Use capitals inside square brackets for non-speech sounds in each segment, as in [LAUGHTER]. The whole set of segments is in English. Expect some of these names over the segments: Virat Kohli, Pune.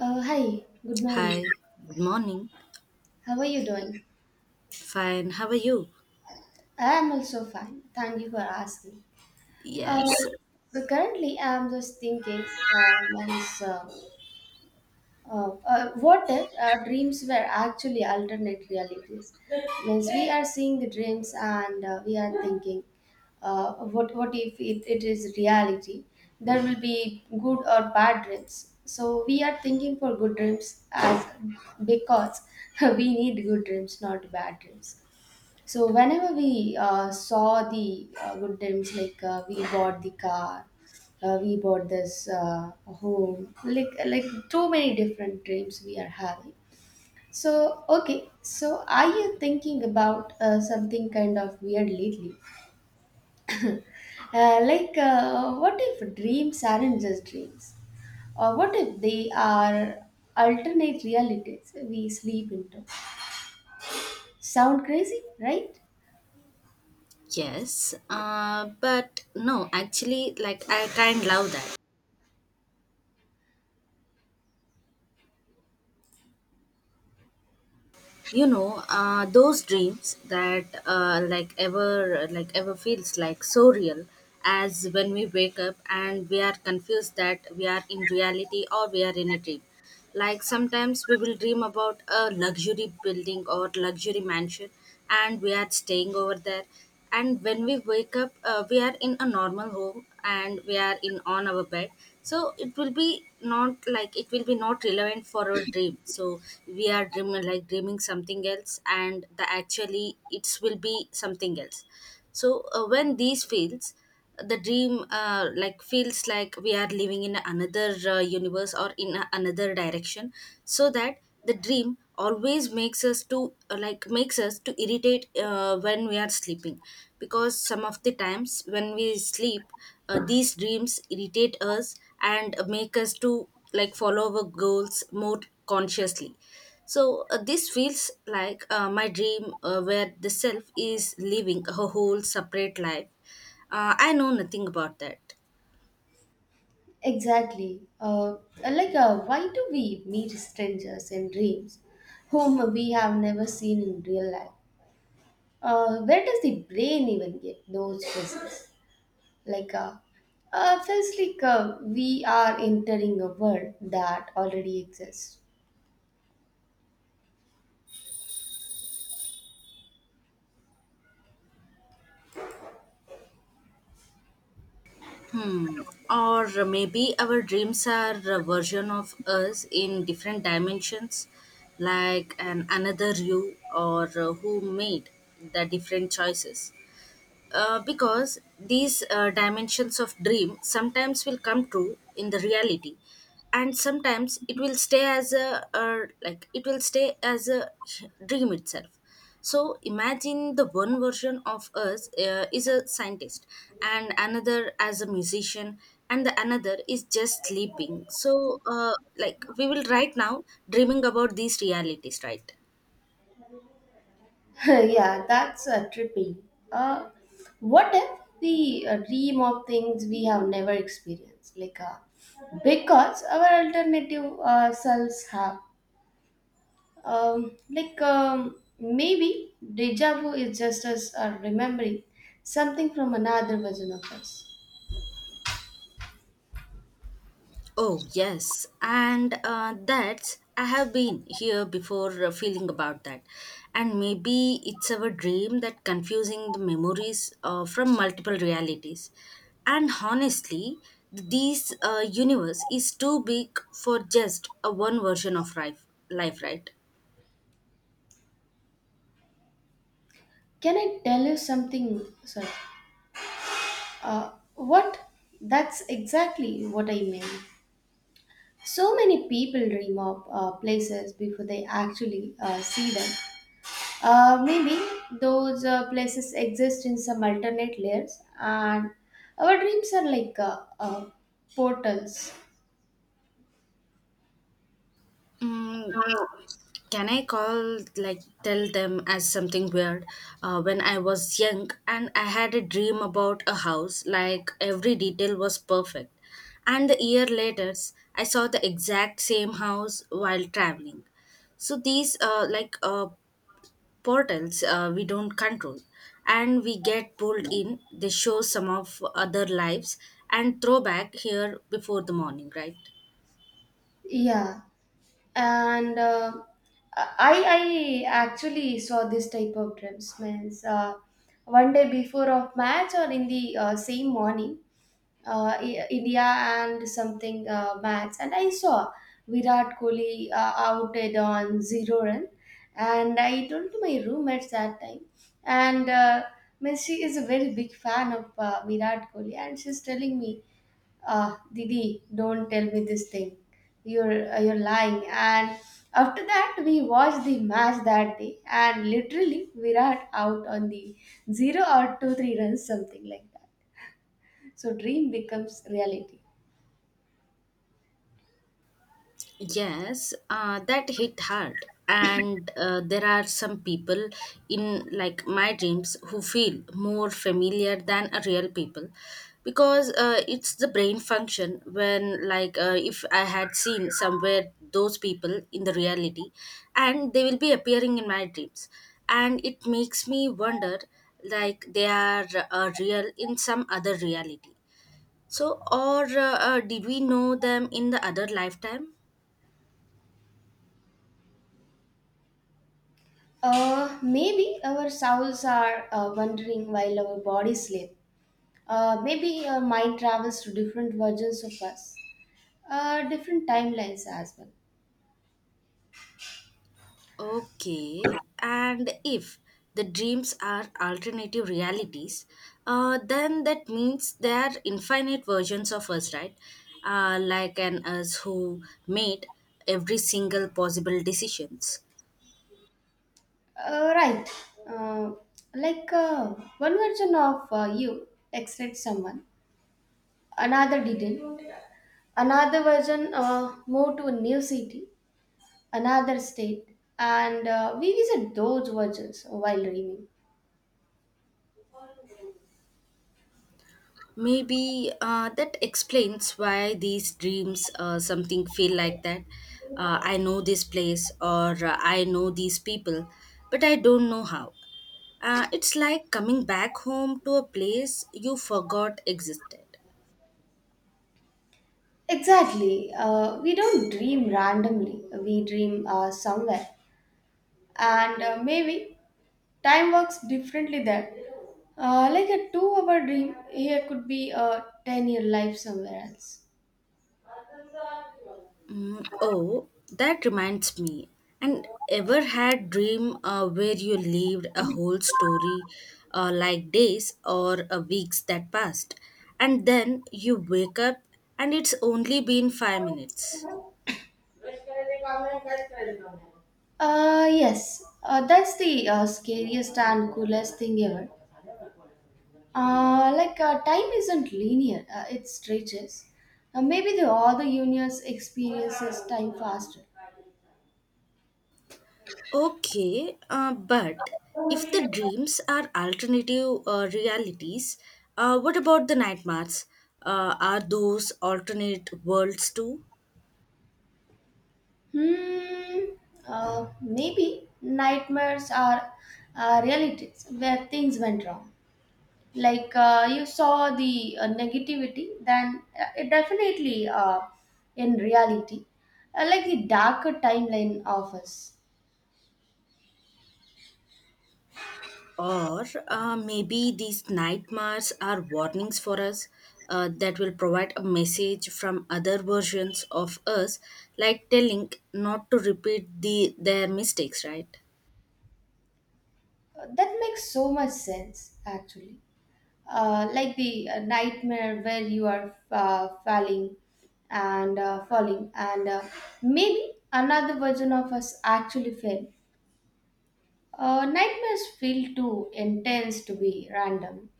Hi, good morning. Hi, good morning. How are you doing? Fine, how are you? I am also fine. Thank you for asking. Uh, Yes, so currently, I am just thinking, means, what if our dreams were actually alternate realities? Means we are seeing the dreams, and we are thinking, what if it is reality? There will be good or bad dreams. So we are thinking for good dreams as because [LAUGHS] we need good dreams, not bad dreams. So whenever we saw the good times, like we bought the car, we bought this home, like too many different dreams we are having. So okay, so are you thinking about something kind of weird lately? Like what if dreams aren't just dreams? Or what if they are alternate realities we sleep into? Sound crazy, right? yes. But no, actually, like I kind love that. You know, those dreams that like ever feels like so real as when we wake up and we are confused that we are in reality or we are in a dream, like sometimes we will dream about a luxury building or luxury mansion and we are staying over there. And when we wake up, we are in a normal home and we are in on our bed, so it will be not like it will be not relevant for our dream. So we are dreaming like dreaming something else, and the actually it will be something else. So when these fails the dream like feels like we are living in another universe or in another direction. So that the dream always makes us to like makes us to irritate when we are sleeping, because some of the times when we sleep, these dreams irritate us and make us to like follow our goals more consciously. So this feels like my dream where the self is living a whole separate life. I know nothing about that. Exactly. Like, why do we meet strangers in dreams whom we have never seen in real life? Where does the brain even get those visits? Like, feels like we are entering a world that already exists. Hmm. Or maybe our dreams are a version of us in different dimensions, like an another you or who made the different choices. Because these dimensions of dream sometimes will come true in the reality, and sometimes it will stay as a like it will stay as a dream itself. So imagine the one version of us is a scientist, and another as a musician, and the another is just sleeping. So, like we will right now dreaming about these realities, right? [LAUGHS] Yeah, that's trippy. Uh, what if we dream of things we have never experienced? Like, because our alternative selves have. Like maybe deja vu is just us remembering something from another version of us. Oh, yes. And that's, I have been here before feeling about that. And maybe it's our dream that confusing the memories from multiple realities. And honestly, this universe is too big for just a one version of life, right? Can I tell you something? Sorry. What? That's exactly what I mean. So many people dream of places before they actually see them. Maybe those places exist in some alternate layers, and our dreams are like portals. Mm, can I call, like, tell them as something weird? When I was young and I had a dream about a house, like, every detail was perfect. And the year later, I saw the exact same house while traveling. So these, like, portals we don't control and we get pulled in. They show some of other lives and throw back here before the morning, right? Yeah. And I actually saw this type of dreams means one day before of match, or in the same morning, India and something match, and I saw Virat Kohli outed on 0 run, and I told to my roommates that time. And means she is a very big fan of Virat Kohli, and she's telling me, "Ah, Didi, don't tell me this thing. You're lying." And after that, we watched the match that day, and literally Virat out on the 0 or 2 or 3 runs, something like that. So dream becomes reality. Yes, that hit hard. And there are some people in like my dreams who feel more familiar than a real people, because it's the brain function when like if I had seen somewhere those people in the reality and they will be appearing in my dreams. And it makes me wonder like they are real in some other reality. So or did we know them in the other lifetime? Maybe our souls are wandering while our bodies sleep. Maybe our mind travels to different versions of us, different timelines as well. Okay, and if the dreams are alternative realities, then that means they are infinite versions of us, right? Like an us who made every single possible decisions. Right. Uh, like one version of you texted someone, another didn't. Another version moved to a new city, another state, and we visit those versions while dreaming. Maybe that explains why these dreams something feel like that. I know this place or I know these people, but I don't know how. It's like coming back home to a place you forgot existed. Exactly. We don't dream randomly, we dream somewhere. And maybe time works differently there. Like a 2-hour dream here could be a 10-year year life somewhere else. Mm, oh, that reminds me. And ever had dream where you lived a whole story like days or weeks that passed, and then you wake up and it's only been 5 minutes. Brush करायचे काम आहे काहीच करायचे काम नाही. Yes, that's the scariest and coolest thing ever. Like, time isn't linear, it stretches. Maybe the other universe experiences time faster. Okay, but if the dreams are alternative realities, what about the nightmares? Are those alternate worlds too? Hmm, uh, maybe nightmares are realities where things went wrong, like you saw the negativity, then it definitely in reality, like the darker timeline of us. Or maybe these nightmares are warnings for us that will provide a message from other versions of us, like telling not to repeat the, their mistakes, right? That makes so much sense actually. Like the nightmare where you are falling and falling, and maybe another version of us actually fell. Nightmares feel too intense to be random.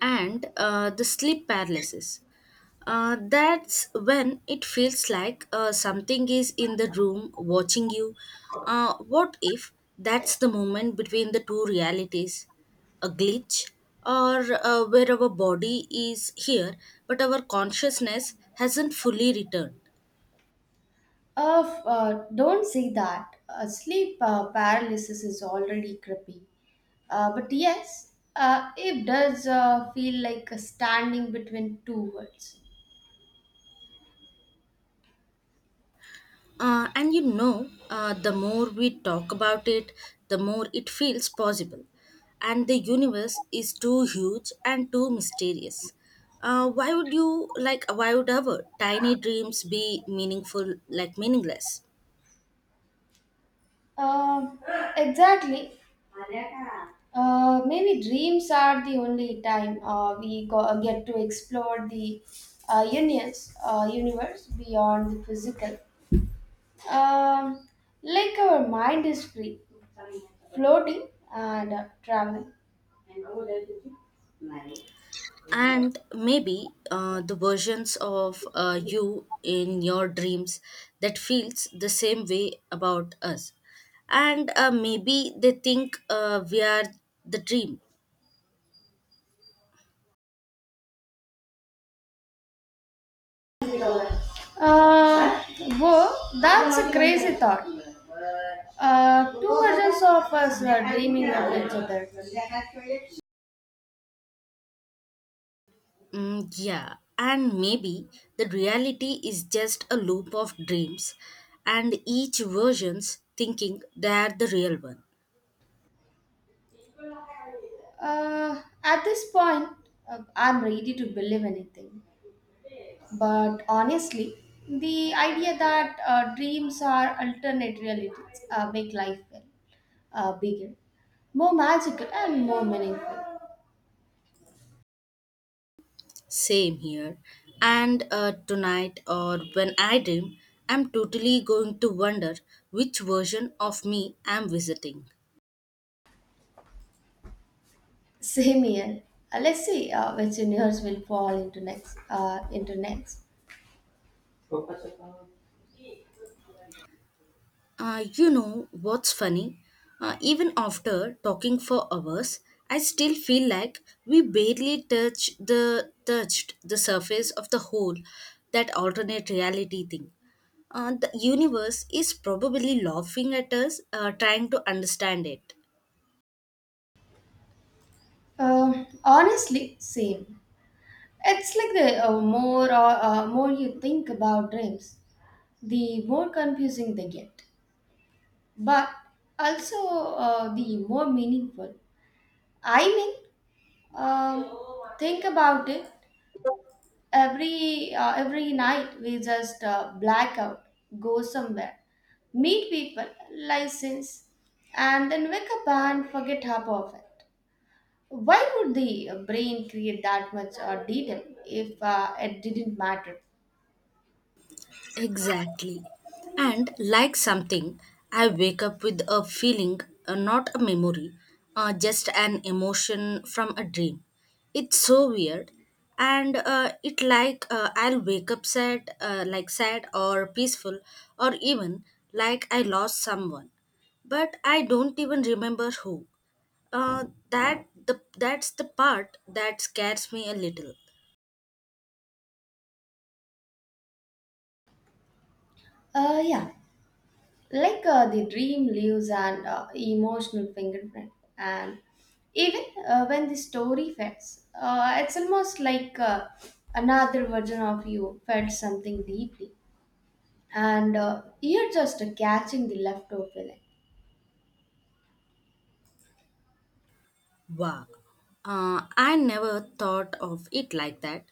And the sleep paralysis. That's when it feels like something is in the room watching you. What if that's the moment between the two realities? A glitch, or where our body is here but our consciousness hasn't fully returned. Of don't say that. Sleep paralysis is already creepy. But yes, it does feel like standing between two worlds. And you know, the more we talk about it, the more it feels possible. And the universe is too huge and too mysterious. Why would you like? Why would our tiny dreams be meaningful, like meaningless? Uh, exactly. Maybe dreams are the only time get to explore the universe beyond the physical. Um, like our mind is free, floating, and traveling. And maybe the versions of you in your dreams that feels the same way about us, and maybe they think we are the dream. Uh, whoa, that's a crazy thought. Two versions of us are dreaming of each other. Mm, yeah, and maybe the reality is just a loop of dreams, and each version's thinking they're the real one. At this point, I'm ready to believe anything. But honestly, the idea that dreams are alternate realities make life, well, bigger, more magical, and more meaningful. Same here. And tonight, or when I dream, I'm totally going to wonder which version of me I'm visiting. Same here. Let's see which universe will fall into next. Into next. You know what's funny? Even after talking for hours, I still feel like we barely touched the surface of the whole that alternate reality thing. The universe is probably laughing at us, trying to understand it. Honestly, same. It's like the more you think about dreams, the more confusing they get, but also the more meaningful. I mean, Um, think about it. Every every night we just black out, go somewhere, meet people, license, and then wake up and forget half of it. Why would the brain create that much detail if it didn't matter? Exactly. And like something, I wake up with a feeling, not a memory, just an emotion from a dream. It's so weird. And it like I'll wake up sad, like sad or peaceful, or even like I lost someone but I don't even remember who. That's the part that scares me a little. Yeah. Like the dream leaves an emotional fingerprint, and even when the story fades, it's almost like another version of you felt something deeply, and you're just catching the leftover feeling. Wow. I never thought of it like that.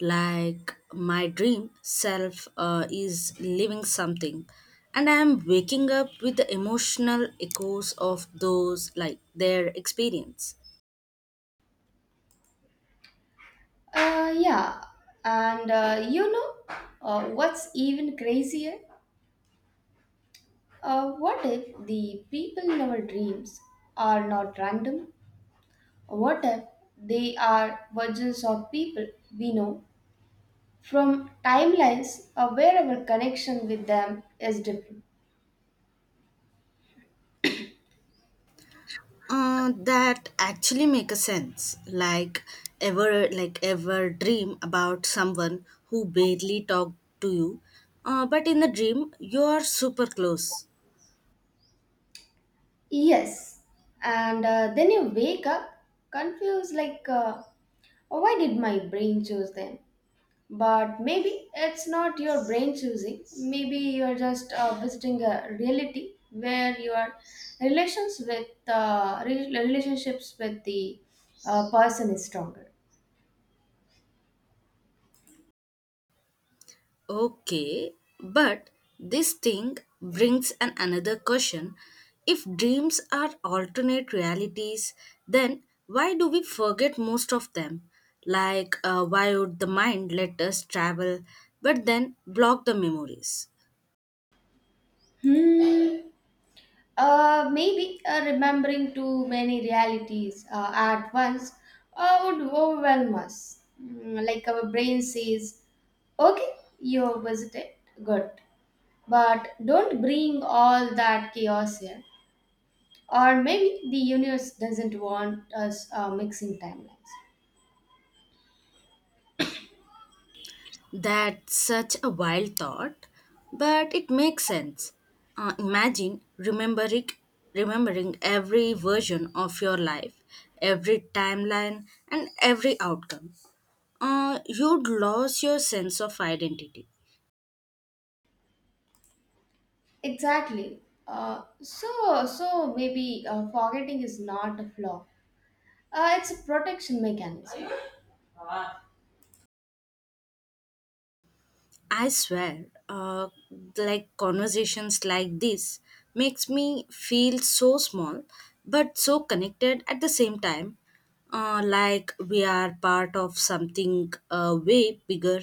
Like my dream self is living something, and I am waking up with the emotional echoes of those, like their experience. Yeah, and you know what's even crazier: what if the people in our dreams are not random? What if they are versions of people we know from timelines, or wherever connection with them is different? That actually make a sense. Like ever dream about someone who barely talked to you, but in the dream you are super close. Yes, and then you wake up confused, like, "Oh, why did my brain choose them?" But maybe it's not your brain choosing, maybe you're just visiting a reality where your relationships with the person is stronger. Okay, but this thing brings an another question. If dreams are alternate realities, then why do we forget most of them? Like, why would the mind let us travel but then block the memories? Hmm. Maybe remembering too many realities at once would overwhelm us. Mm, like our brain says, okay, you have visited, good. But don't bring all that chaos here. Or maybe the universe doesn't want us mixing timelines. That's such a wild thought, but it makes sense. Imagine remembering every version of your life, every timeline, and every outcome. You'd lose your sense of identity. Exactly. So maybe forgetting is not a flaw. It's a protection mechanism. I swear, like conversations like this makes me feel so small, but so connected at the same time. Like we are part of something way bigger,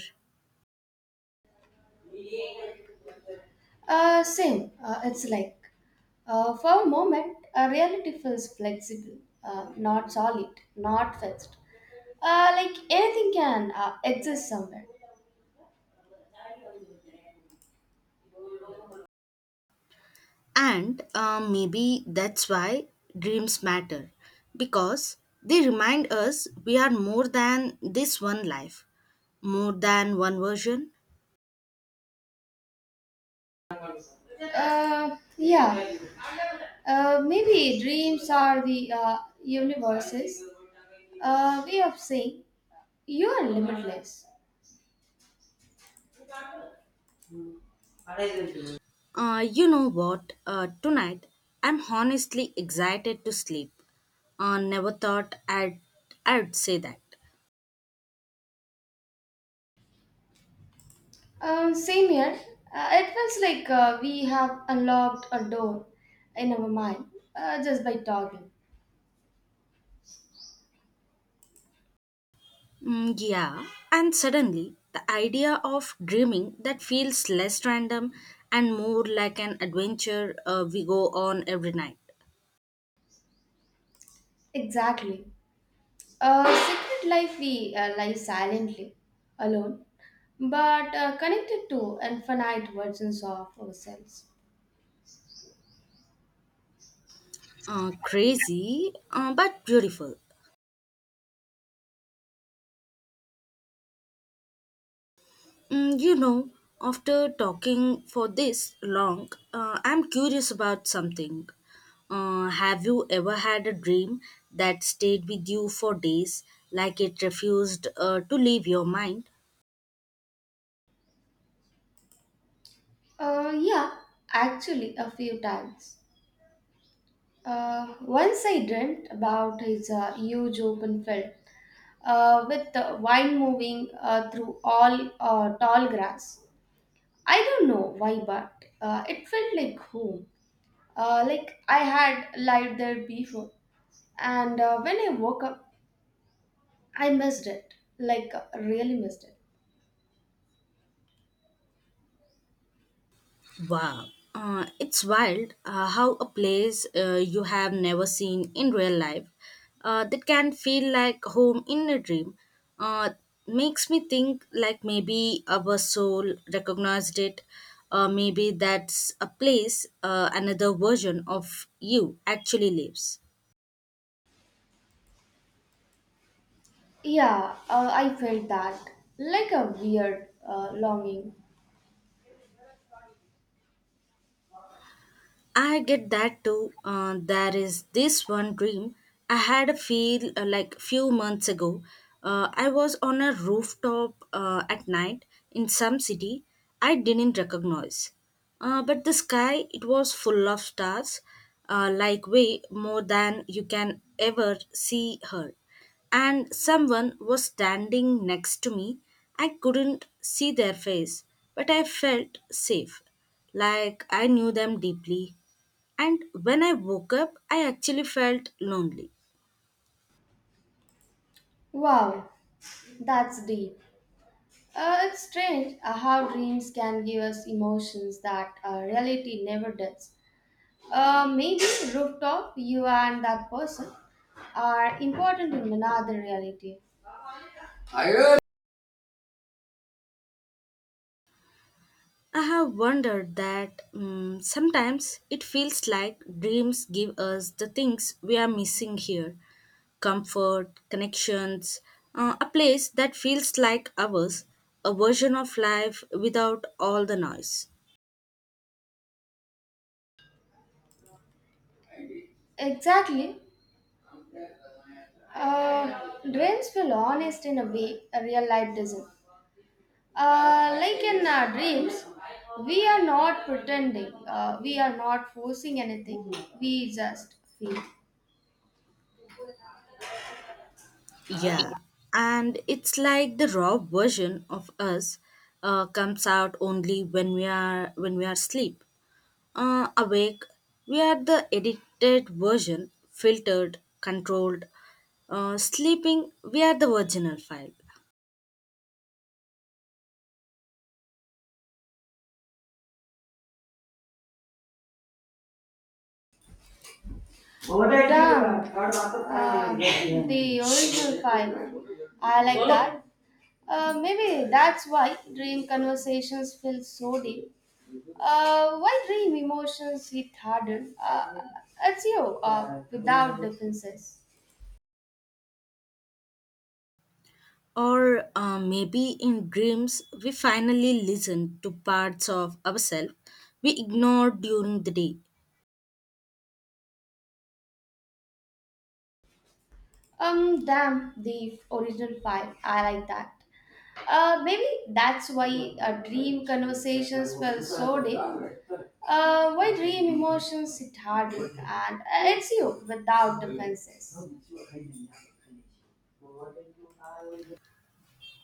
Same. It's like, for a moment, reality feels flexible, not solid, not fixed. Like anything can exist somewhere. and maybe that's why dreams matter, because they remind us we are more than this one life, more than one version. Yeah. Maybe dreams are the universe's way of saying you are limitless. You know what? Tonight, I'm honestly excited to sleep. Never thought I'd say that. Same here. It feels like we have unlocked a door in our mind just by talking. Mm, yeah, and suddenly, the idea of dreaming that feels less random and more like an adventure we go on every night. Exactly. Secret life we lie silently, alone, but connected to infinite versions of ourselves. Crazy, but beautiful. Mm, you know, after talking for this long, I'm curious about something. Have you ever had a dream that stayed with you for days, like it refused to leave your mind? Yeah, actually, a few times. Once I dreamt about his huge open field with the wine moving through all tall grass. I don't know why, but it felt like home. Like I had lived there before. And when I woke up, I missed it. Like, really missed it. Wow, it's wild how a place you have never seen in real life that can feel like home in a dream uh, makes me think like maybe our soul recognized it. Maybe that's a place another version of you actually lives. Yeah, I felt that. Like a weird longing. I get that too. There is this one dream I had a feel like few months ago. I was on a rooftop at night in some city I didn't recognize. But the sky it was full of stars, like way more than you can ever see her. And someone was standing next to me. I couldn't see their face, but I felt safe. Like I knew them deeply. And when I woke up, I actually felt lonely. Wow, that's deep. It's strange how dreams can give us emotions that reality never does. Maybe rooftop, you and that person are important in another reality. I have wondered that, mm, sometimes it feels like dreams give us the things we are missing here, comfort, connections, a place that feels like ours, a version of life without all the noise. Exactly. Dreams feel honest in a way a real life doesn't. Like in dreams, we are not pretending, we are not forcing anything, we just feel. Yeah, and it's like the raw version of us comes out only when we are asleep. Awake, we are the edited version, filtered, controlled. Sleeping, we are the original file. Damn, the original file. I like that. Maybe that's why dream conversations feel so deep. Why dream emotions hit harder? It's you, without defenses. Or maybe in dreams, we finally listen to parts of ourselves we ignored during the day. Damn, the original file. I like that. Maybe that's why dream conversations felt so deep. Why dream emotions sit hard, and it's you without defenses.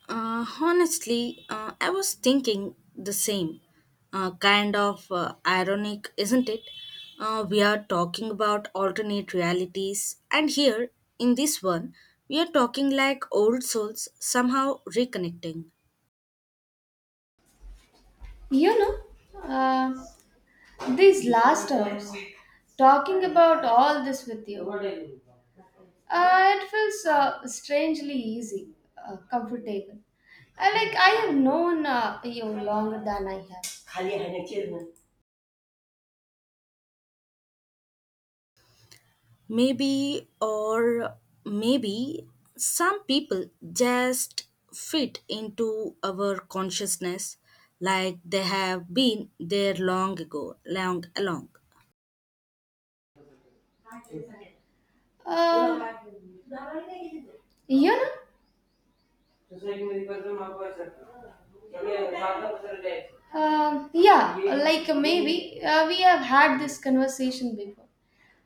Honestly, I was thinking the same. Kind of ironic, isn't it? We are talking about alternate realities, and here, in this one, we are talking like old souls somehow reconnecting. You know, uh, these last hours, talking about all this with you, it feels strangely easy, comfortable. I like I have known you longer than I have. Maybe, or maybe, some people just fit into our consciousness like they have been there long ago, long along. Um, you know, सोसायटीमध्ये. Yeah, like maybe we have had this conversation before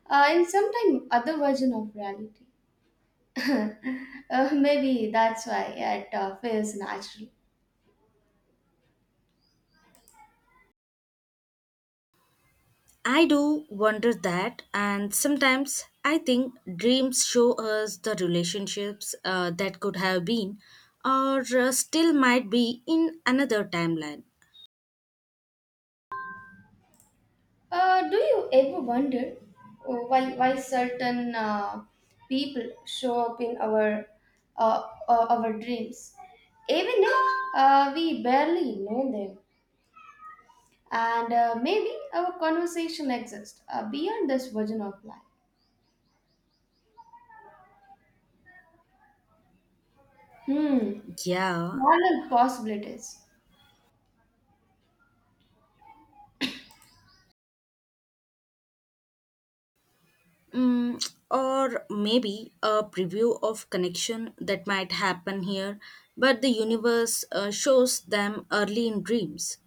in some time other version of reality. [LAUGHS] Maybe that's why it feels natural. I do wonder that, and sometimes I think dreams show us the relationships that could have been or still might be in another timeline. Do you ever wonder why certain people show up in our our dreams, even if we barely know them? And maybe our conversation exists beyond this version of life. Hmm, Yeah, parallel possibilities. mm, or maybe a preview of connection that might happen here, but the universe shows them early in dreams.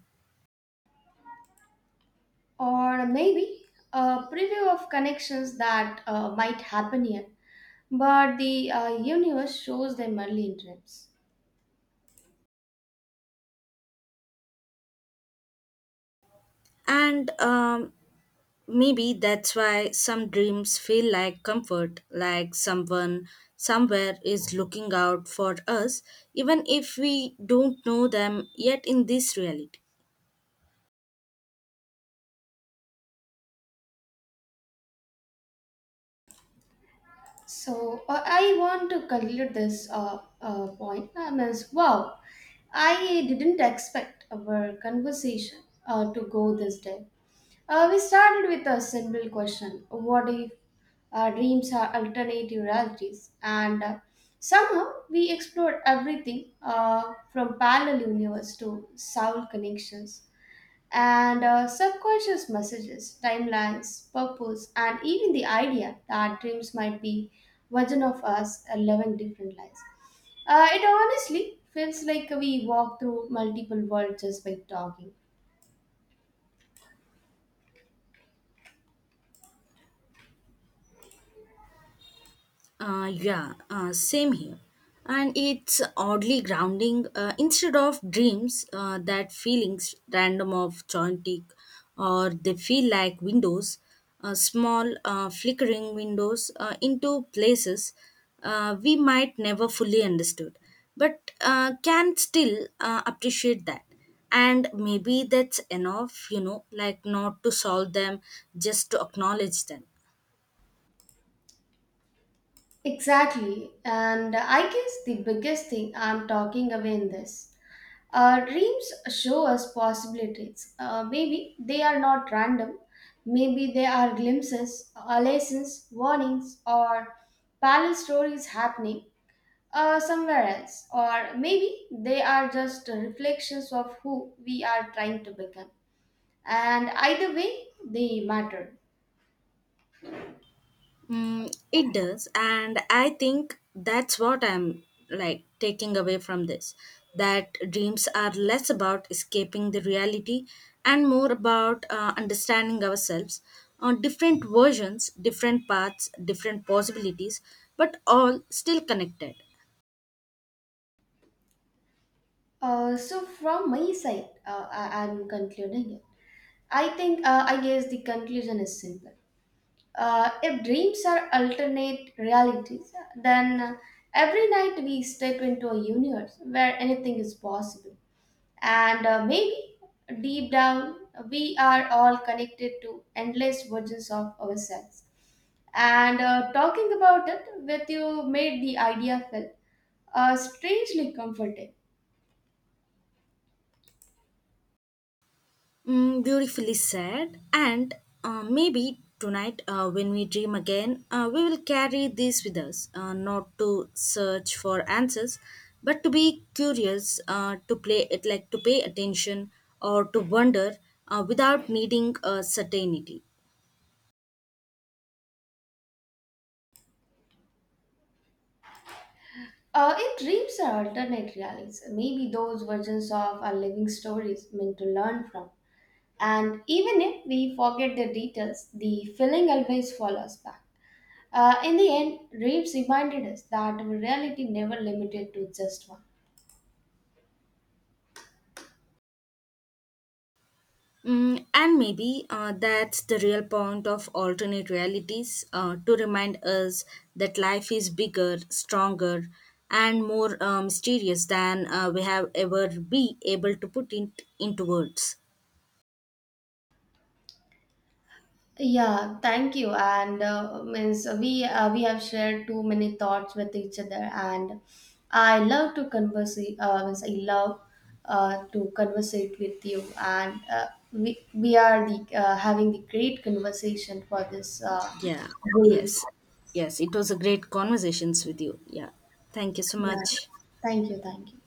Or maybe a preview of connections that might happen here, but the universe shows them only in dreams. And maybe that's why some dreams feel like comfort, like someone somewhere is looking out for us, even if we don't know them yet in this reality. So I want to conclude this point. I mean, wow, I didn't expect our conversation to go this day. We started with a simple question: what if our dreams are alternative realities? And somehow we explored everything from parallel universe to soul connections, and subconscious messages, timelines, purpose, and even the idea that dreams might be version of us living different lives. It honestly feels like we walk through multiple worlds just by talking. Yeah, same here. And it's oddly grounding. Instead of dreams, that feelings random of chaotic, or they feel like windows, small flickering windows into places we might never fully understood, but can still appreciate that. And maybe that's enough, you know, like not to solve them, just to acknowledge them. Exactly, and I guess the biggest thing I'm talking away in this. Dreams show us possibilities. Maybe they are not random. Maybe they are glimpses, lessons, warnings, or parallel stories happening somewhere else. Or maybe they are just reflections of who we are trying to become. And either way, they matter. Mm, it does, and I think that's what I'm like taking away from this. That dreams are less about escaping the reality and more about understanding ourselves on different versions, different paths, different possibilities, but all still connected. So, from my side, I'm concluding it. I think I guess the conclusion is simple. If dreams are alternate realities, then every night we step into a universe where anything is possible. And maybe deep down, we are all connected to endless versions of ourselves. And talking about it with you made the idea feel strangely comforting. Mm, beautifully said. And maybe tonight, when we dream again, we will carry this with us, not to search for answers, but to be curious, to play it like to pay attention or to wonder without needing certainty. In dreams are alternate realities. Maybe those versions of our living stories meant to learn from. And even if we forget the details, the feeling always follows back. In the end, dreams reminded us that our reality never limited to just one. Mm, and maybe that's the real point of alternate realities to remind us that life is bigger, stronger, and more mysterious than we have ever be able to put it into words. Yeah, thank you. And means we have shared too many thoughts with each other, and I love to converse. Means I love to conversate with you, and we are the having the great conversation for this Yeah, games. yes, yes. It was a great conversations with you. Yeah, thank you so Yeah, much. thank you, thank you.